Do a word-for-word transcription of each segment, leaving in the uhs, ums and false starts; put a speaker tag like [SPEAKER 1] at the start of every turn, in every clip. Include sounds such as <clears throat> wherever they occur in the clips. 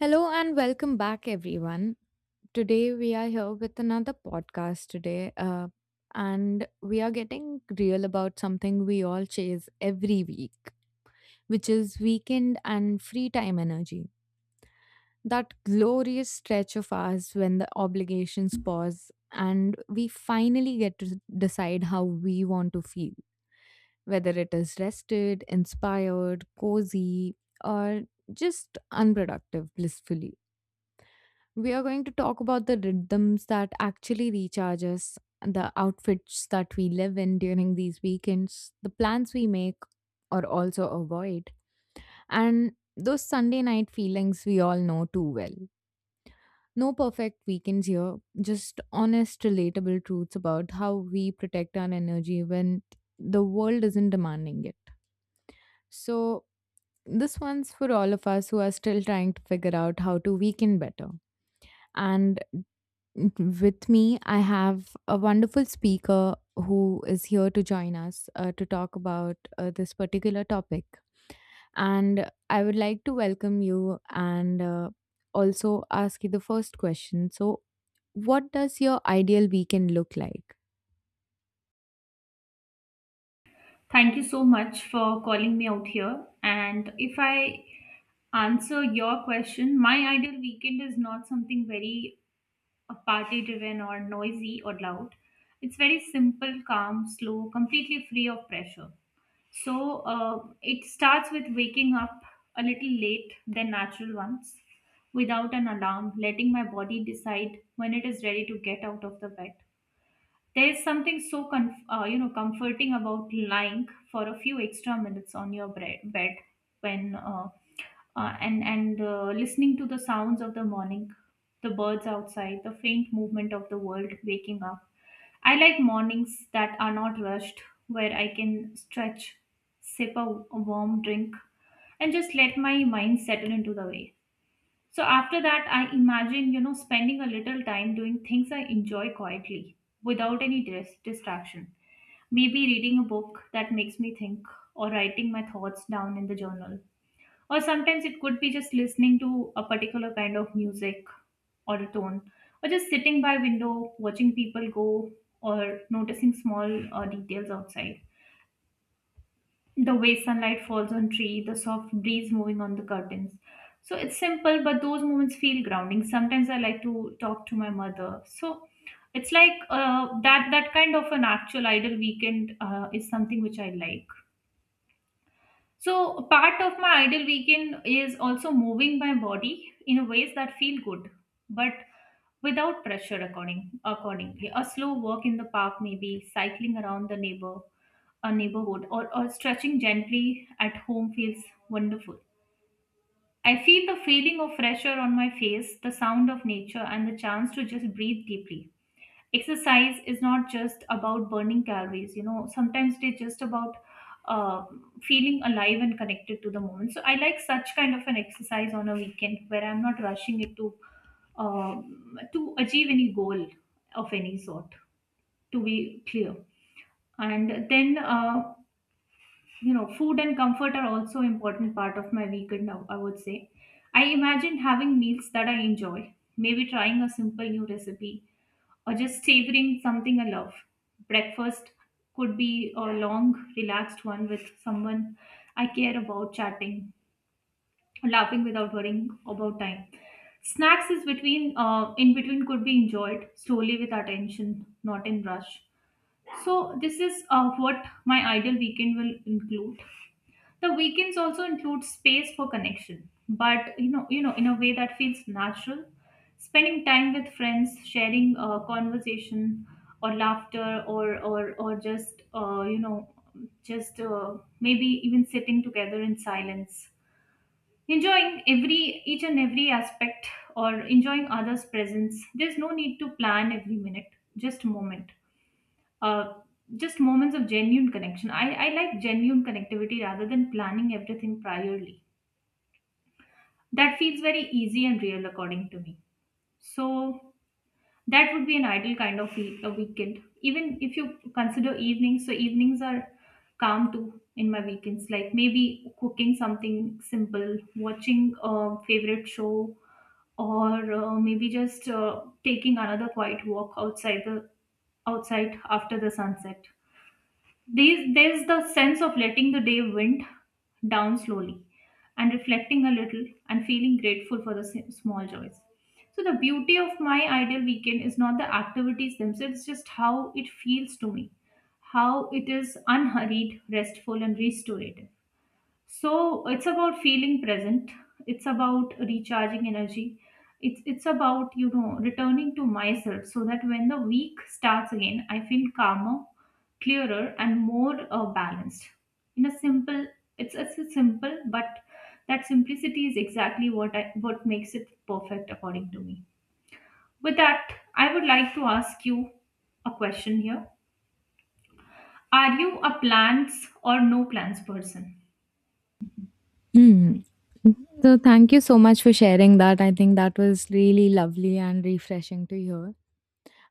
[SPEAKER 1] Hello and welcome back, everyone. Today we are here with another podcast today, uh, and we are getting real about something we all chase every week, which is weekend and free time energy. That glorious stretch of ours when the obligations pause and we finally get to decide how we want to feel, whether it is rested, inspired, cozy, or just unproductive blissfully. We are going to talk about the rhythms that actually recharge us, the outfits that we live in during these weekends, the plans we make or also avoid, and those Sunday night feelings we all know too well. No perfect weekends here, just honest, relatable truths about how we protect our energy when the world isn't demanding it. So, this one's for all of us who are still trying to figure out how to weekend better. And with me, I have a wonderful speaker who is here to join us uh, to talk about uh, this particular topic. And I would like to welcome you and uh, also ask you the first question. So, what does your ideal weekend look like?
[SPEAKER 2] Thank you so much for calling me out here. And if I answer your question, my ideal weekend is not something very uh, party driven or noisy or loud. It's very simple, calm, slow, completely free of pressure. So uh, it starts with waking up a little late than natural ones without an alarm, letting my body decide when it is ready to get out of the bed. There's something so conf- uh, you know comforting about lying for a few extra minutes on your bre- bed when uh, uh, and and uh, listening to the sounds of the morning, the birds outside, the faint movement of the world waking up. I like mornings that are not rushed, where I can stretch, sip a a warm drink, and just let my mind settle into the way. So after that, I imagine, you know, spending a little time doing things I enjoy quietly without any dis- distraction. Maybe reading a book that makes me think, or writing my thoughts down in the journal. Or sometimes it could be just listening to a particular kind of music or a tone, or just sitting by window watching people go, or noticing small uh, details outside, the way sunlight falls on tree, the soft breeze moving on the curtains. So it's simple, but those moments feel grounding. Sometimes I like to talk to my mother. So it's like uh, that that kind of an actual idle weekend uh, is something which I like. So part of my idle weekend is also moving my body in ways that feel good but without pressure, according accordingly a slow walk in the park, maybe cycling around the neighbor a neighborhood, or, or stretching gently at home feels wonderful. I feel the feeling of fresh air on my face, the sound of nature, and the chance to just breathe deeply. Exercise is not just about burning calories, you know, sometimes it's just about uh, feeling alive and connected to the moment. So I like such kind of an exercise on a weekend where I'm not rushing it to um, to achieve any goal of any sort, to be clear. And then uh, you know food and comfort are also important part of my weekend, now I would say. I imagine having meals that I enjoy, maybe trying a simple new recipe, or just savoring something I love. Breakfast could be a long, relaxed one with someone I care about, chatting, laughing without worrying about time. Snacks is between uh, in between could be enjoyed slowly with attention, not in rush. So this is uh, what my ideal weekend will include. The weekends also include space for connection, but you know you know in a way that feels natural. Spending time with friends, sharing uh, conversation or laughter or or or just uh, you know just uh, maybe even sitting together in silence, enjoying every each and every aspect, or enjoying others presence. There's no need to plan every minute, just moment uh, just moments of genuine connection. I, I like genuine connectivity rather than planning everything priorly. That feels very easy and real according to me. So that would be an ideal kind of week, a weekend. Even if you consider evenings, so evenings are calm too in my weekends. Like maybe cooking something simple, watching a favorite show, or uh, maybe just uh, taking another quiet walk outside the outside after the sunset. These, there's the sense of letting the day wind down slowly, and reflecting a little, and feeling grateful for the s- small joys. So, the beauty of my ideal weekend is not the activities themselves, it's just how it feels to me, how it is unhurried, restful, and restorative. So it's about feeling present. It's about recharging energy. It's it's about you know returning to myself, so that when the week starts again, I feel calmer, clearer, and more uh, balanced. In a simple, it's it's a simple, but that simplicity is exactly what I what makes it perfect according to me. With that, I would like to ask you a question here. Are you a plans or no plans person?
[SPEAKER 1] Hmm. So thank you so much for sharing that. I think that was really lovely and refreshing to hear.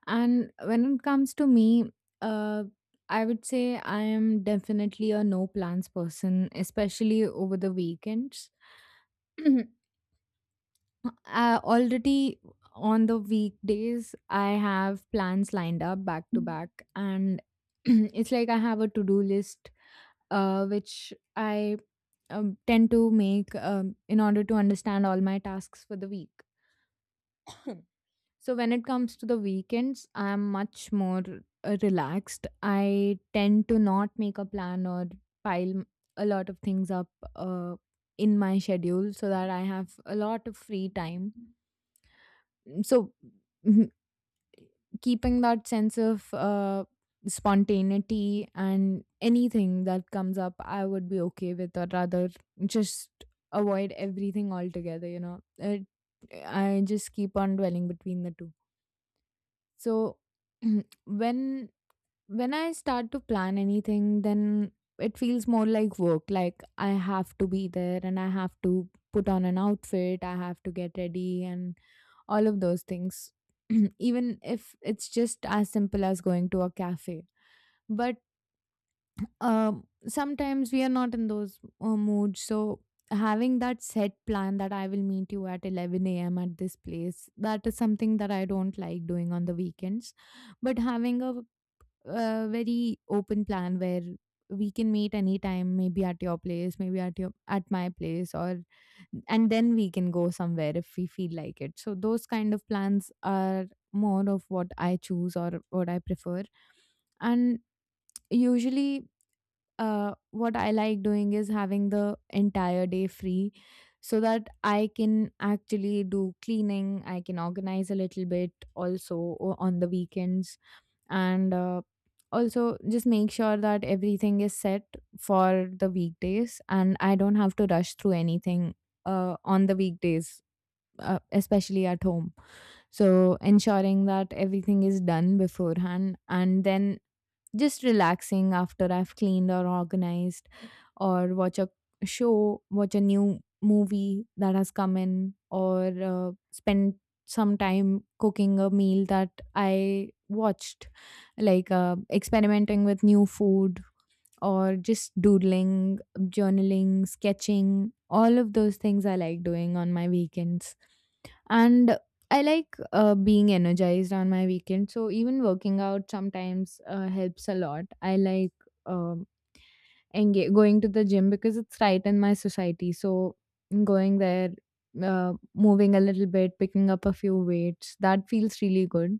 [SPEAKER 1] And when it comes to me, uh, I would say I am definitely a no plans person, especially over the weekends. <clears throat> Uh, already on the weekdays, I have plans lined up back to back, and <clears throat> it's like I have a to do list, uh, which I um, tend to make um, in order to understand all my tasks for the week. So when it comes to the weekends, I'm much more uh, relaxed. I tend to not make a plan or pile m- a lot of things up uh, in my schedule so that I have a lot of free time. Mm, so mhm, keeping that sense of uh, spontaneity, and anything that comes up, I would be okay with, or rather, just avoid everything altogether. You know, it, I just keep on dwelling between the two. So <clears throat> when when I start to plan anything, then it feels more like work. Like I have to be there and I have to put on an outfit, I have to get ready and all of those things. <clears throat> Even if it's just as simple as going to a cafe. But um, sometimes we are not in those uh, moods. So having that set plan that I will meet you at eleven a m at this place, that is something that I don't like doing on the weekends. But having a, uh very open plan where we can meet anytime, maybe at your place, maybe at your at my place, or and then we can go somewhere if we feel like it. So those kind of plans are more of what I choose or what I prefer, and usually uh, what I like doing is having the entire day free so that I can actually do cleaning, I can organize a little bit also o- on the weekends, and uh, also just make sure that everything is set for the weekdays and I don't have to rush through anything uh, on the weekdays. Uh, especially at home, so ensuring that everything is done beforehand and then just relaxing after I've cleaned or organized, or watch a show, watch a new movie that has come in, or uh, spend some time cooking a meal that I watched, like uh, experimenting with new food or just doodling, journaling, sketching. All of those things I like doing on my weekends. And I like uh, being energized on my weekend, so even working out sometimes uh, helps a lot. I like um, enga- going to the gym because it's right in my society, so going there, uh, moving a little bit, picking up a few weights, that feels really good.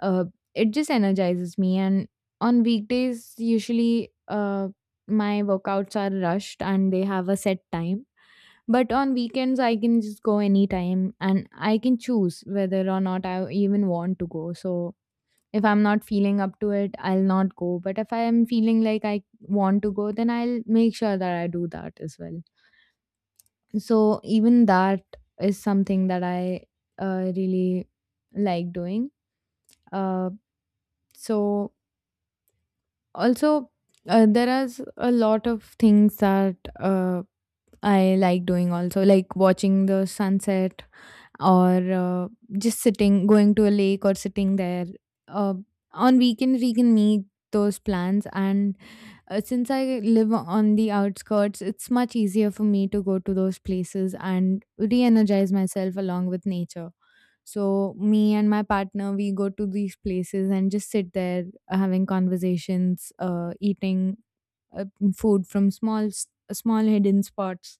[SPEAKER 1] Uh, it just energizes me. And on weekdays usually uh, my workouts are rushed and they have a set time, but on weekends, I can just go anytime and I can choose whether or not I even want to go. So if I'm not feeling up to it, I'll not go. But if I am feeling like I want to go, then I'll make sure that I do that as well. So even that is something that I uh, really like doing. Uh, so also, uh, there are a lot of things that uh, I like doing also, like watching the sunset or uh, just sitting, going to a lake or sitting there. Uh, on weekends we can make those plans, and uh, since I live on the outskirts, it's much easier for me to go to those places and re-energize myself along with nature. So me and my partner, we go to these places and just sit there, uh, having conversations, uh, eating uh, food from small s- uh, small hidden spots.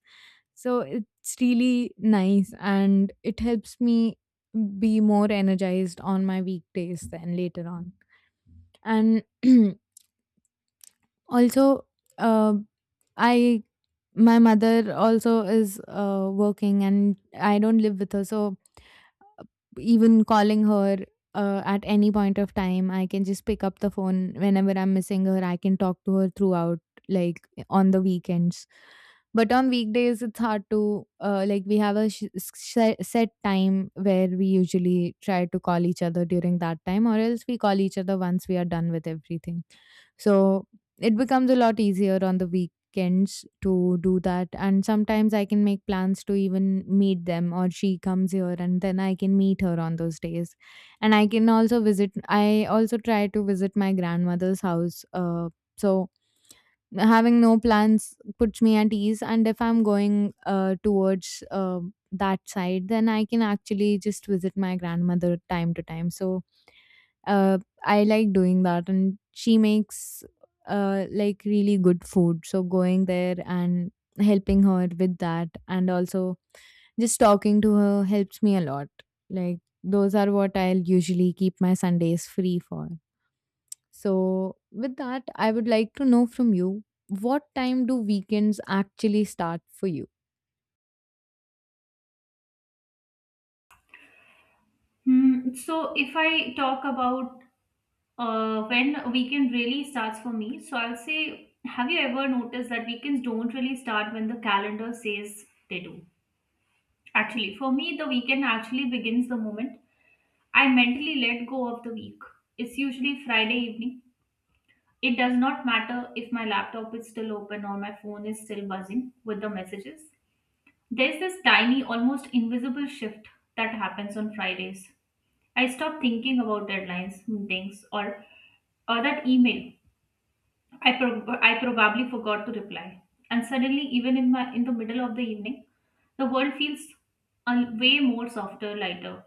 [SPEAKER 1] So it's really nice and it helps me be more energized on my weekdays then later on. And <clears throat> also, uh, I my mother also is uh, working and I don't live with her, so even calling her uh, at any point of time, I can just pick up the phone whenever I'm missing her. I can talk to her throughout, like on the weekends. But on weekdays it's hard to, uh, like we have a sh- se- set time where we usually try to call each other during that time, or else we call each other once we are done with everything. So it becomes a lot easier on the weekends to do that. And sometimes I can make plans to even meet them, or she comes here and then I can meet her on those days. And I can also visit, I also try to visit my grandmother's house. Uh, so having no plans puts me at ease, and if I'm going uh, towards uh, that side, then I can actually just visit my grandmother time to time. So uh, I like doing that, and she makes uh, like really good food, so going there and helping her with that, and also just talking to her helps me a lot. Like those are what I'll usually keep my Sundays free for. So, with that, I would like to know from you, what time do weekends actually start for you?
[SPEAKER 2] Hmm, so if I talk about uh, when weekend really starts for me. So I'll say, have you ever noticed that weekends don't really start when the calendar says they do? Actually, for me, the weekend actually begins the moment I mentally let go of the week. It's usually Friday evening. It does not matter if my laptop is still open or my phone is still buzzing with the messages. There's this tiny, almost invisible shift that happens on Fridays. I stop thinking about deadlines, meetings, or or that email I, pro I probably forgot to reply. And suddenly, even in my in the middle of the evening, the world feels a way more softer, lighter.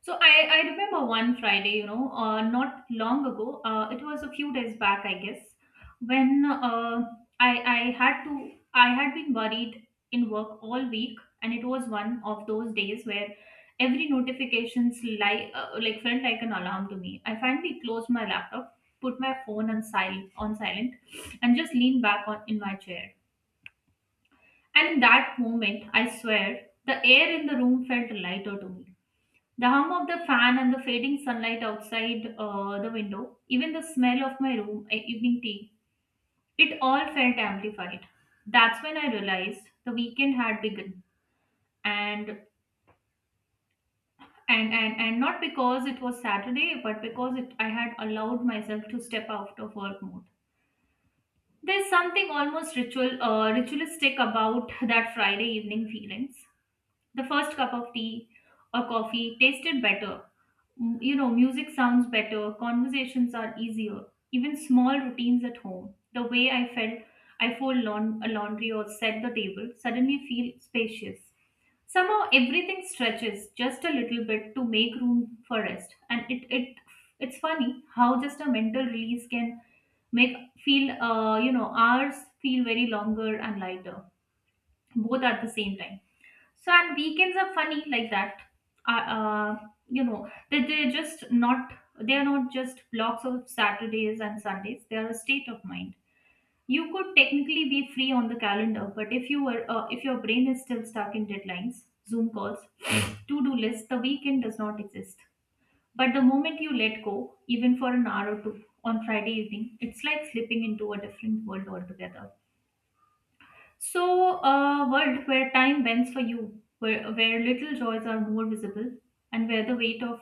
[SPEAKER 2] So I, I remember one Friday, you know, uh, not long ago. Uh, it was a few days back, I guess, when uh, I I had to I had been buried in work all week, and it was one of those days where every notifications like uh, like felt like an alarm to me. I finally closed my laptop, put my phone on silent on silent, and just leaned back on in my chair. And in that moment, I swear, the air in the room felt lighter to me. The hum of the fan and the fading sunlight outside uh, the window, even the smell of my room at evening tea, it all felt amplified. That's when I realized the weekend had begun. And and and, and not because it was Saturday, but because it, I had allowed myself to step out of work mode. There's something almost ritual uh, ritualistic about that Friday evening feelings. The first cup of tea or coffee tasted better. M- You know, music sounds better, conversations are easier, even small routines at home. The way I felt I fold laun- a laundry or set the table suddenly feel spacious. Somehow everything stretches just a little bit to make room for rest. And it, it it's funny how just a mental release can make feel uh, you know hours feel very longer and lighter both at the same time. So, and weekends are funny like that. Uh, uh, you know that they're just not they are not just blocks of Saturdays and Sundays. They are a state of mind. You could technically be free on the calendar, but if you were uh, if your brain is still stuck in deadlines, Zoom calls, <sniffs> to-do lists, the weekend does not exist. But the moment you let go, even for an hour or two on Friday evening, it's like slipping into a different world altogether. So, a world where time bends for you, where, where little joys are more visible, and where the weight of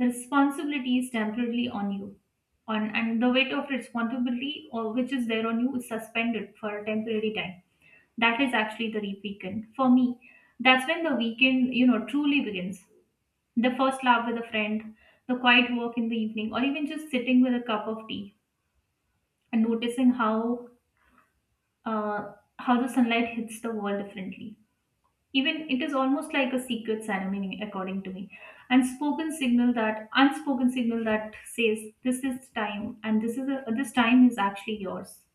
[SPEAKER 2] the responsibility is temporarily on you. On, and the weight of responsibility or which is there on you is suspended for a temporary time. That is actually the re- weekend. For me, that's when the weekend, you know, truly begins. The first laugh with a friend, the quiet walk in the evening, or even just sitting with a cup of tea and noticing how uh, how the sunlight hits the wall differently, even it is almost like a secret ceremony according to me, and spoken signal that unspoken signal that says this is time, and this is a, this time is actually yours.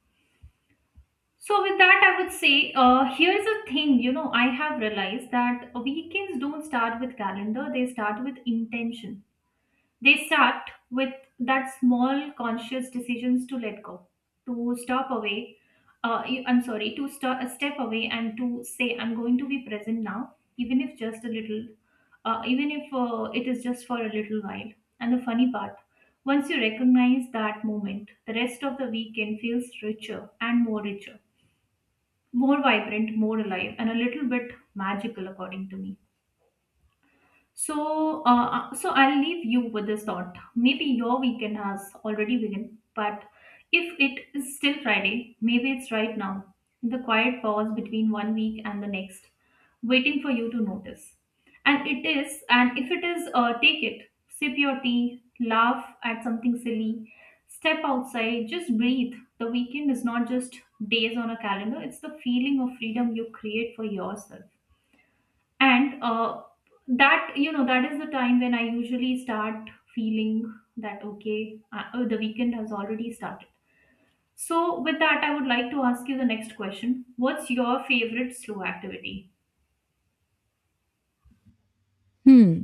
[SPEAKER 2] So with that, I would say, uh, here's a thing, you know I have realized that weekends don't start with calendar, they start with intention. They start with that small conscious decisions to let go, to stop away. Uh, you- I'm sorry, to st- uh, step away and to say, I'm going to be present now, even if just a little, uh, even if uh, it is just for a little while. And the funny part, once you recognize that moment, the rest of the weekend feels richer and more richer, more vibrant, more alive, and a little bit magical, according to me. So, uh, uh, so I'll leave you with this thought. Maybe your weekend has already begun, but if it is still Friday, maybe it's right now, in the quiet pause between one week and the next, waiting for you to notice. And it is, and if it is, uh, take it, sip your tea, laugh at something silly, step outside, just breathe. The weekend is not just days on a calendar; it's the feeling of freedom you create for yourself and uh, that you know that is the time when I usually start feeling that okay, uh, oh, the weekend has already started. So with that, I would like to ask you the next question: what's your favorite slow activity?
[SPEAKER 1] Hmm.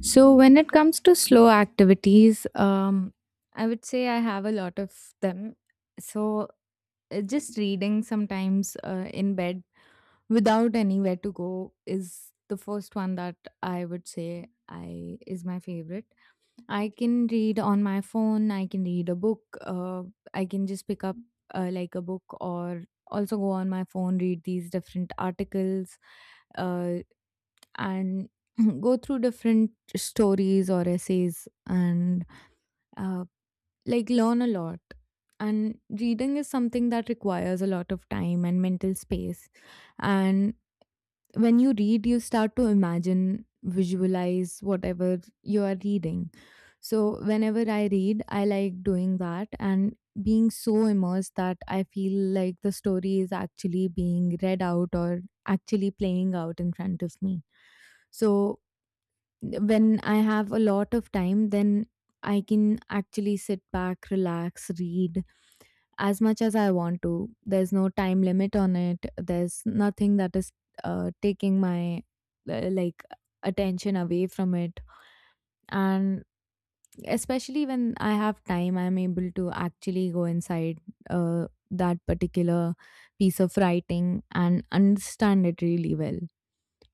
[SPEAKER 1] So when it comes to slow activities, um, I would say I have a lot of them. So uh, just reading sometimes uh, in bed without anywhere to go is the first one that I would say I is my favorite. I can read on my phone. I can read a book. Uh, I can just pick up uh, like a book or also go on my phone, read these different articles, uh, and <clears throat> go through different stories or essays and uh, like learn a lot. And reading is something that requires a lot of time and mental space. And when you read, you start to imagine, visualize whatever you are reading. So whenever I read, I like doing that, and being so immersed that I feel like the story is actually being read out or actually playing out in front of me. So when I have a lot of time, then I can actually sit back, relax, read as much as I want to. There's no time limit on it. There's nothing that is uh, taking my uh, like attention away from it. And especially when I have time, I'm able to actually go inside uh, that particular piece of writing and understand it really well.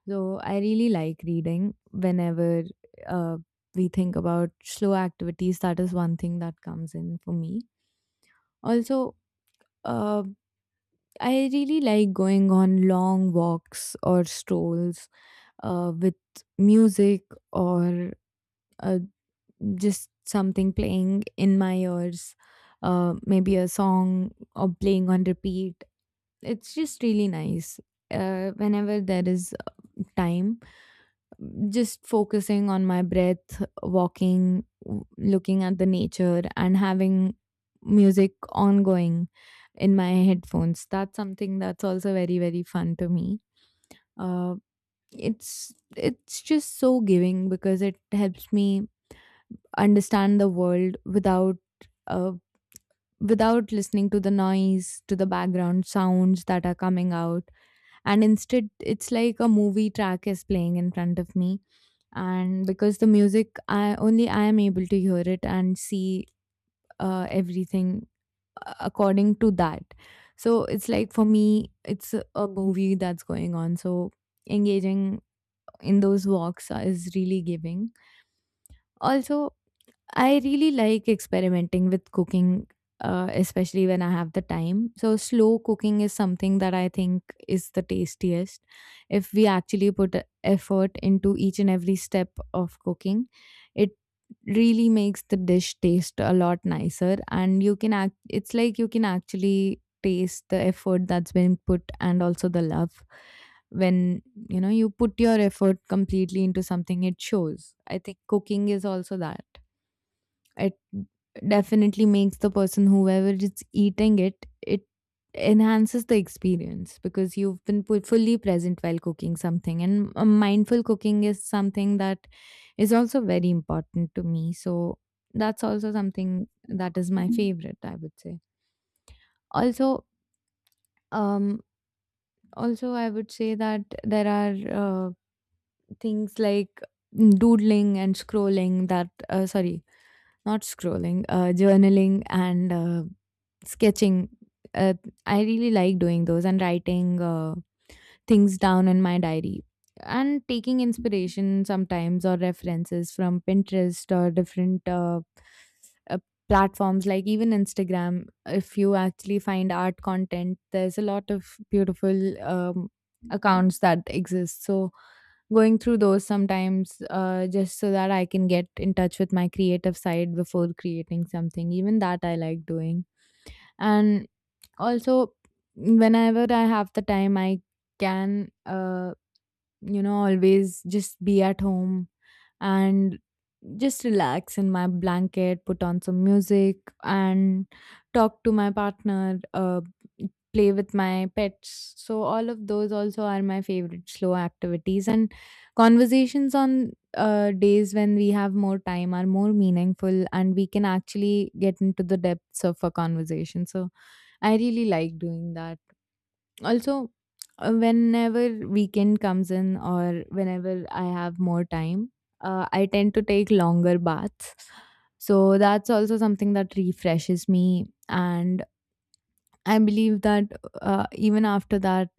[SPEAKER 1] So I really like reading whenever uh, we think about slow activities. That is one thing that comes in for me. Also, uh, I really like going on long walks or strolls uh, with music or uh, just something playing in my ears, uh, maybe a song or playing on repeat. It's just really nice. Uh, whenever there is time, just focusing on my breath, walking, w- looking at the nature, and having music ongoing in my headphones. That's something that's also very, very fun to me. Uh, it's it's just so giving because it helps me understand the world without uh, without listening to the noise, to the background sounds that are coming out. And instead it's like a movie track is playing in front of me, and because the music, i only I am able to hear it and see uh, everything uh, according to that. So it's like for me, it's a a movie that's going on. So engaging in those walks is really giving. Also, I really like experimenting with cooking, uh, especially when I have the time. So, slow cooking is something that I think is the tastiest if we actually put a- effort into each and every step of cooking. It really makes the dish taste a lot nicer, and you can act, it's like you can actually taste the effort that's been put and also the love when you know you put your effort completely into something it shows. I think cooking is also that. It definitely makes the person whoever is eating it, it enhances the experience because you've been pu- fully present while cooking something. And uh, mindful cooking is something that is also very important to me. So that's also something that is my favorite, I would say. Also, um, Also I would say that there are uh, things like doodling and scrolling that uh, sorry Not scrolling, uh, journaling and uh, sketching. Uh, I really like doing those and writing uh, things down in my diary and taking inspiration sometimes or references from Pinterest or different uh, uh, platforms like even Instagram. If you actually find art content, there's a lot of beautiful um, accounts that exist. So going through those sometimes uh, just so that I can get in touch with my creative side before creating something. Even that I like doing. And also, whenever I have the time, I can. Uh, you know, always just be at home and just relax in my blanket, put on some music, and talk to my partner, uh, play with my pets. So, all of those also are my favorite slow activities. And conversations on uh, days when we have more time are more meaningful and we can actually get into the depths of a conversation. So, I really like doing that. Also, uh, whenever weekend comes in or whenever I have more time, uh, I tend to take longer baths. So that's also something that refreshes me. And I believe that uh, even after that,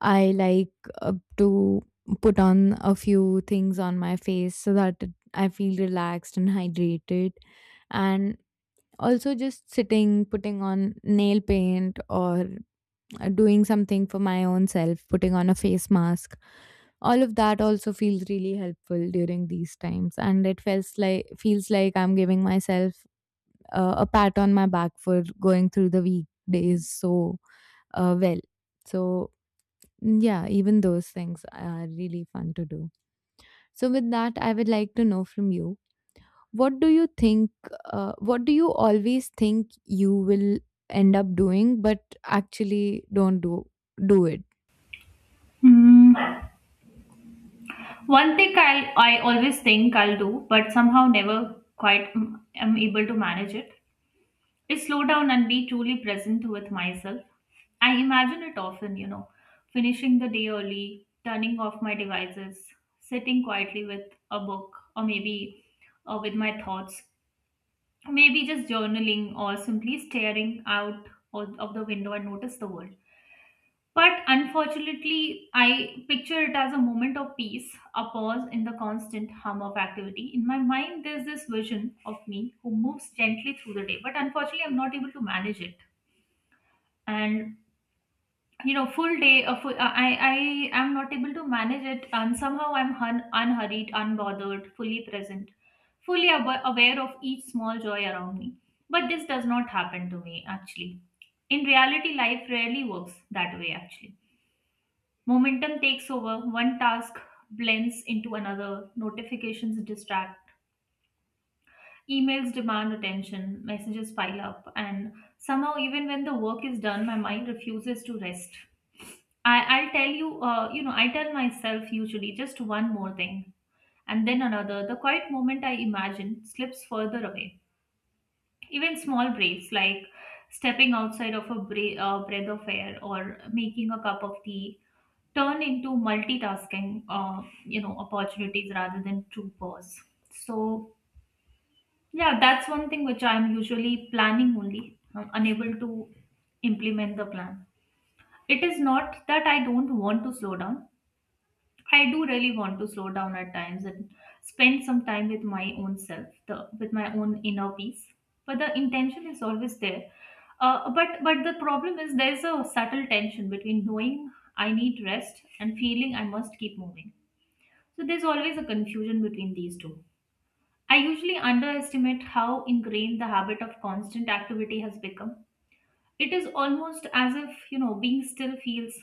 [SPEAKER 1] I like uh, to put on a few things on my face so that it, I feel relaxed and hydrated. And also just sitting, putting on nail paint or uh, doing something for my own self, putting on a face mask. All of that also feels really helpful during these times, and it feels like feels like I'm giving myself uh, a pat on my back for going through the weekdays so uh, well. So mm, yeah, even those things are really fun to do. So with that, I would like to know from you what do you think, uh, what do you always think you will end up doing but actually don't do do it?
[SPEAKER 2] Mm, One thing i i always think I'll do but somehow never quite mm, am able to manage it: I slow down and be truly present with myself. I imagine it often, you know, finishing the day early, turning off my devices, sitting quietly with a book, or maybe uh, with my thoughts, maybe just journaling or simply staring out of of the window and notice the world. But unfortunately, I picture it as a moment of peace, a pause in the constant hum of activity. In my mind, there's this vision of me who moves gently through the day, but unfortunately, I'm not able to manage it. And you know, full day a full, uh, i i am not able to manage it and somehow I'm hun, unhurried, unbothered, fully present, fully ab- aware of each small joy around me. But this does not happen to me actually. In reality, life rarely works that way actually. Momentum takes over, one task blends into another, notifications distract. Emails demand attention, messages pile up, and somehow, even when the work is done, my mind refuses to rest. I, I'll tell you, uh, you know, I tell myself usually just one more thing, and then another. The quiet moment I imagine slips further away. Even small breaks, like stepping outside of a bra- uh, breath of air or making a cup of tea, turn into multitasking, uh, you know, opportunities rather than true pause. So yeah, that's one thing which I'm usually planning only. I'm unable to implement the plan. It is not that I don't want to slow down. I do really want to slow down at times and spend some time with my own self, the, with my own inner peace. But the intention is always there. Uh, but but the problem is there's a subtle tension between knowing I need rest and feeling I must keep moving. So there's always a confusion between these two. I usually underestimate how ingrained the habit of constant activity has become. It is almost as if, you know, being still feels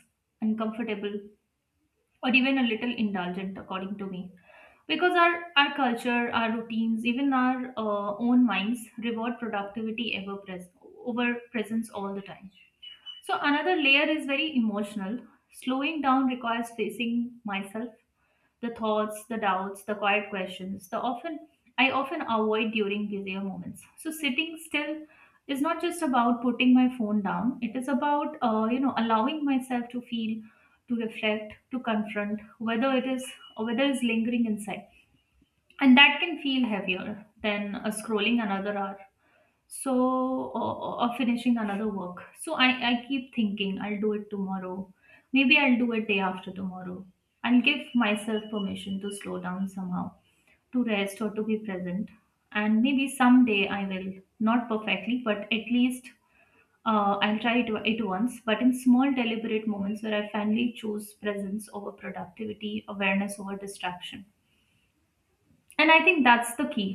[SPEAKER 2] uncomfortable or even a little indulgent, according to me. Because our, our culture, our routines, even our uh, own minds reward productivity ever pres- over presence all the time. So, another layer is very emotional. Slowing down requires facing myself, the thoughts, the doubts, the quiet questions, the often I often avoid during busier moments. So sitting still is not just about putting my phone down. It is about, uh, you know, allowing myself to feel, to reflect, to confront whether it is or whether it's lingering inside, and that can feel heavier than uh, scrolling another hour so, or, or or finishing another work. So i i keep thinking I'll do it tomorrow, maybe I'll do it day after tomorrow. I'll give myself permission to slow down somehow, to rest or to be present, and maybe someday I will, not perfectly but at least, uh, I'll try it, it once, but in small deliberate moments where I finally choose presence over productivity, awareness over distraction. And I think that's the key.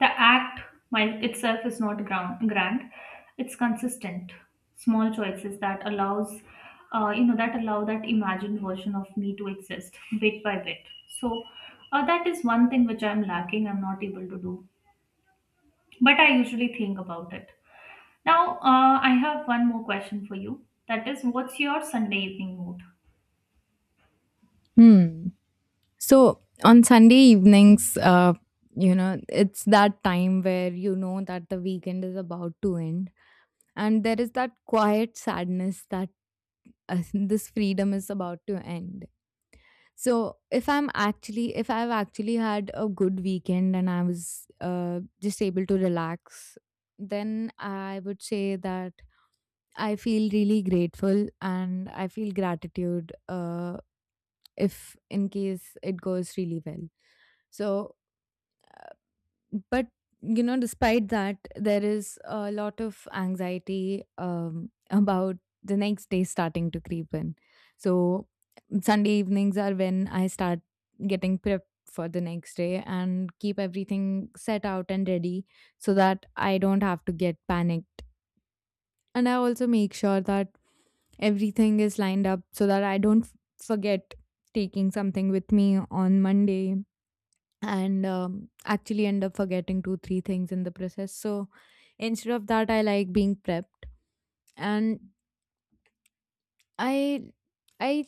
[SPEAKER 2] The act mine itself is not grand, grand. It's consistent, small choices that allows, uh, you know, that allow that imagined version of me to exist bit by bit. So uh, that is one thing which I'm lacking. I'm not able to do, but I usually think about it. Now uh, I have one more question for you. That is, what's your Sunday evening mood?
[SPEAKER 1] Hmm. So on Sunday evenings, uh, you know, it's that time where you know that the weekend is about to end, and there is that quiet sadness that uh, <laughs> this freedom is about to end. So if I'm actually, if I've actually had a good weekend and I was uh, just able to relax, then I would say that I feel really grateful and I feel gratitude uh, if in case it goes really well. So but you know despite that there is a lot of anxiety um, about the next day starting to creep in. So Sunday evenings are when I start getting prepped for the next day and keep everything set out and ready so that I don't have to get panicked. And I also make sure that everything is lined up so that I don't f- forget taking something with me on Monday and um, actually end up forgetting two three things in the process. So instead of that I like being prepped. And i i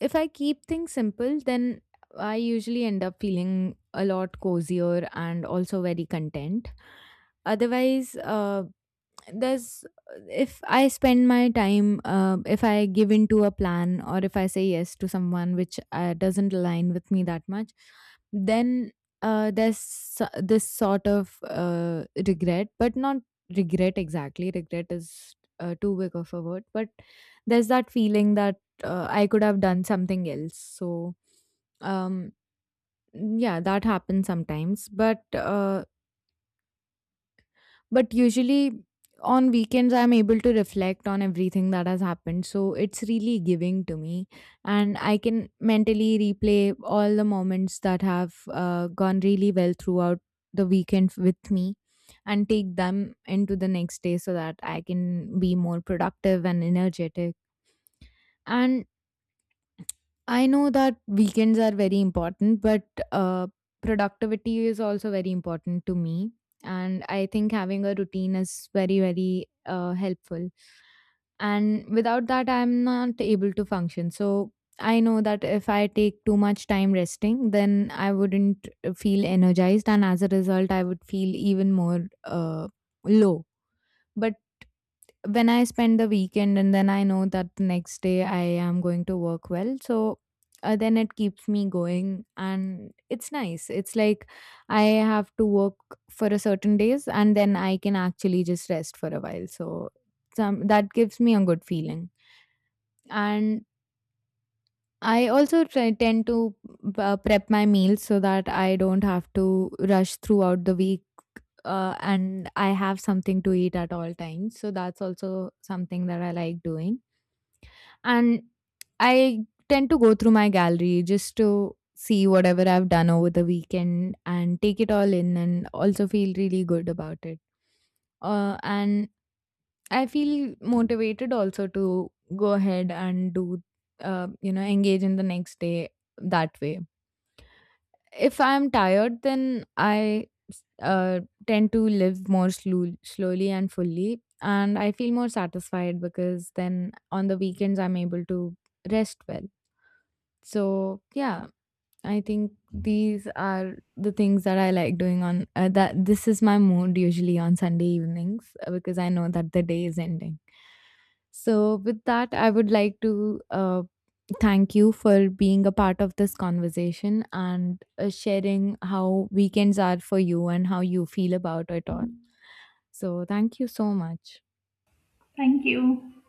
[SPEAKER 1] if I keep things simple then I usually end up feeling a lot cozier and also very content. Otherwise uh, there's, if I spend my time uh, if I give into a plan or if I say yes to someone which uh, doesn't align with me that much, then uh, there's so- this sort of uh, regret, but not regret exactly. Regret is uh, too big of a word, but there's that feeling that uh, I could have done something else. So um yeah, that happens sometimes, but uh but usually on weekends, I'm able to reflect on everything that has happened. So it's really giving to me. And I can mentally replay all the moments that have uh, gone really well throughout the weekend with me and take them into the next day so that I can be more productive and energetic. And I know that weekends are very important, but uh, productivity is also very important to me. And I think having a routine is very, very uh, helpful. And without that, I'm not able to function. So I know that if I take too much time resting, then I wouldn't feel energized. And as a result, I would feel even more uh, low. But when I spend the weekend and then I know that the next day I am going to work well. So uh, then it keeps me going and it's nice. It's like I have to work for a certain days and then I can actually just rest for a while. So some, that gives me a good feeling. And I also try, tend to uh, prep my meals so that I don't have to rush throughout the week. Uh, and I have something to eat at all times. So that's also something that I like doing. And I tend to go through my gallery just to see whatever I've done over the weekend and take it all in and also feel really good about it. Uh, and I feel motivated also to go ahead and do, uh, you know, engage in the next day that way. If I'm tired, then I uh, tend to live more slow- slowly and fully. And I feel more satisfied because then on the weekends I'm able to rest well. So yeah, I think these are the things that I like doing on uh, that. This is my mood usually on Sunday evenings uh, because I know that the day is ending. So with that, I would like to uh, thank you for being a part of this conversation and uh, sharing how weekends are for you and how you feel about it all. So thank you so much.
[SPEAKER 2] Thank you.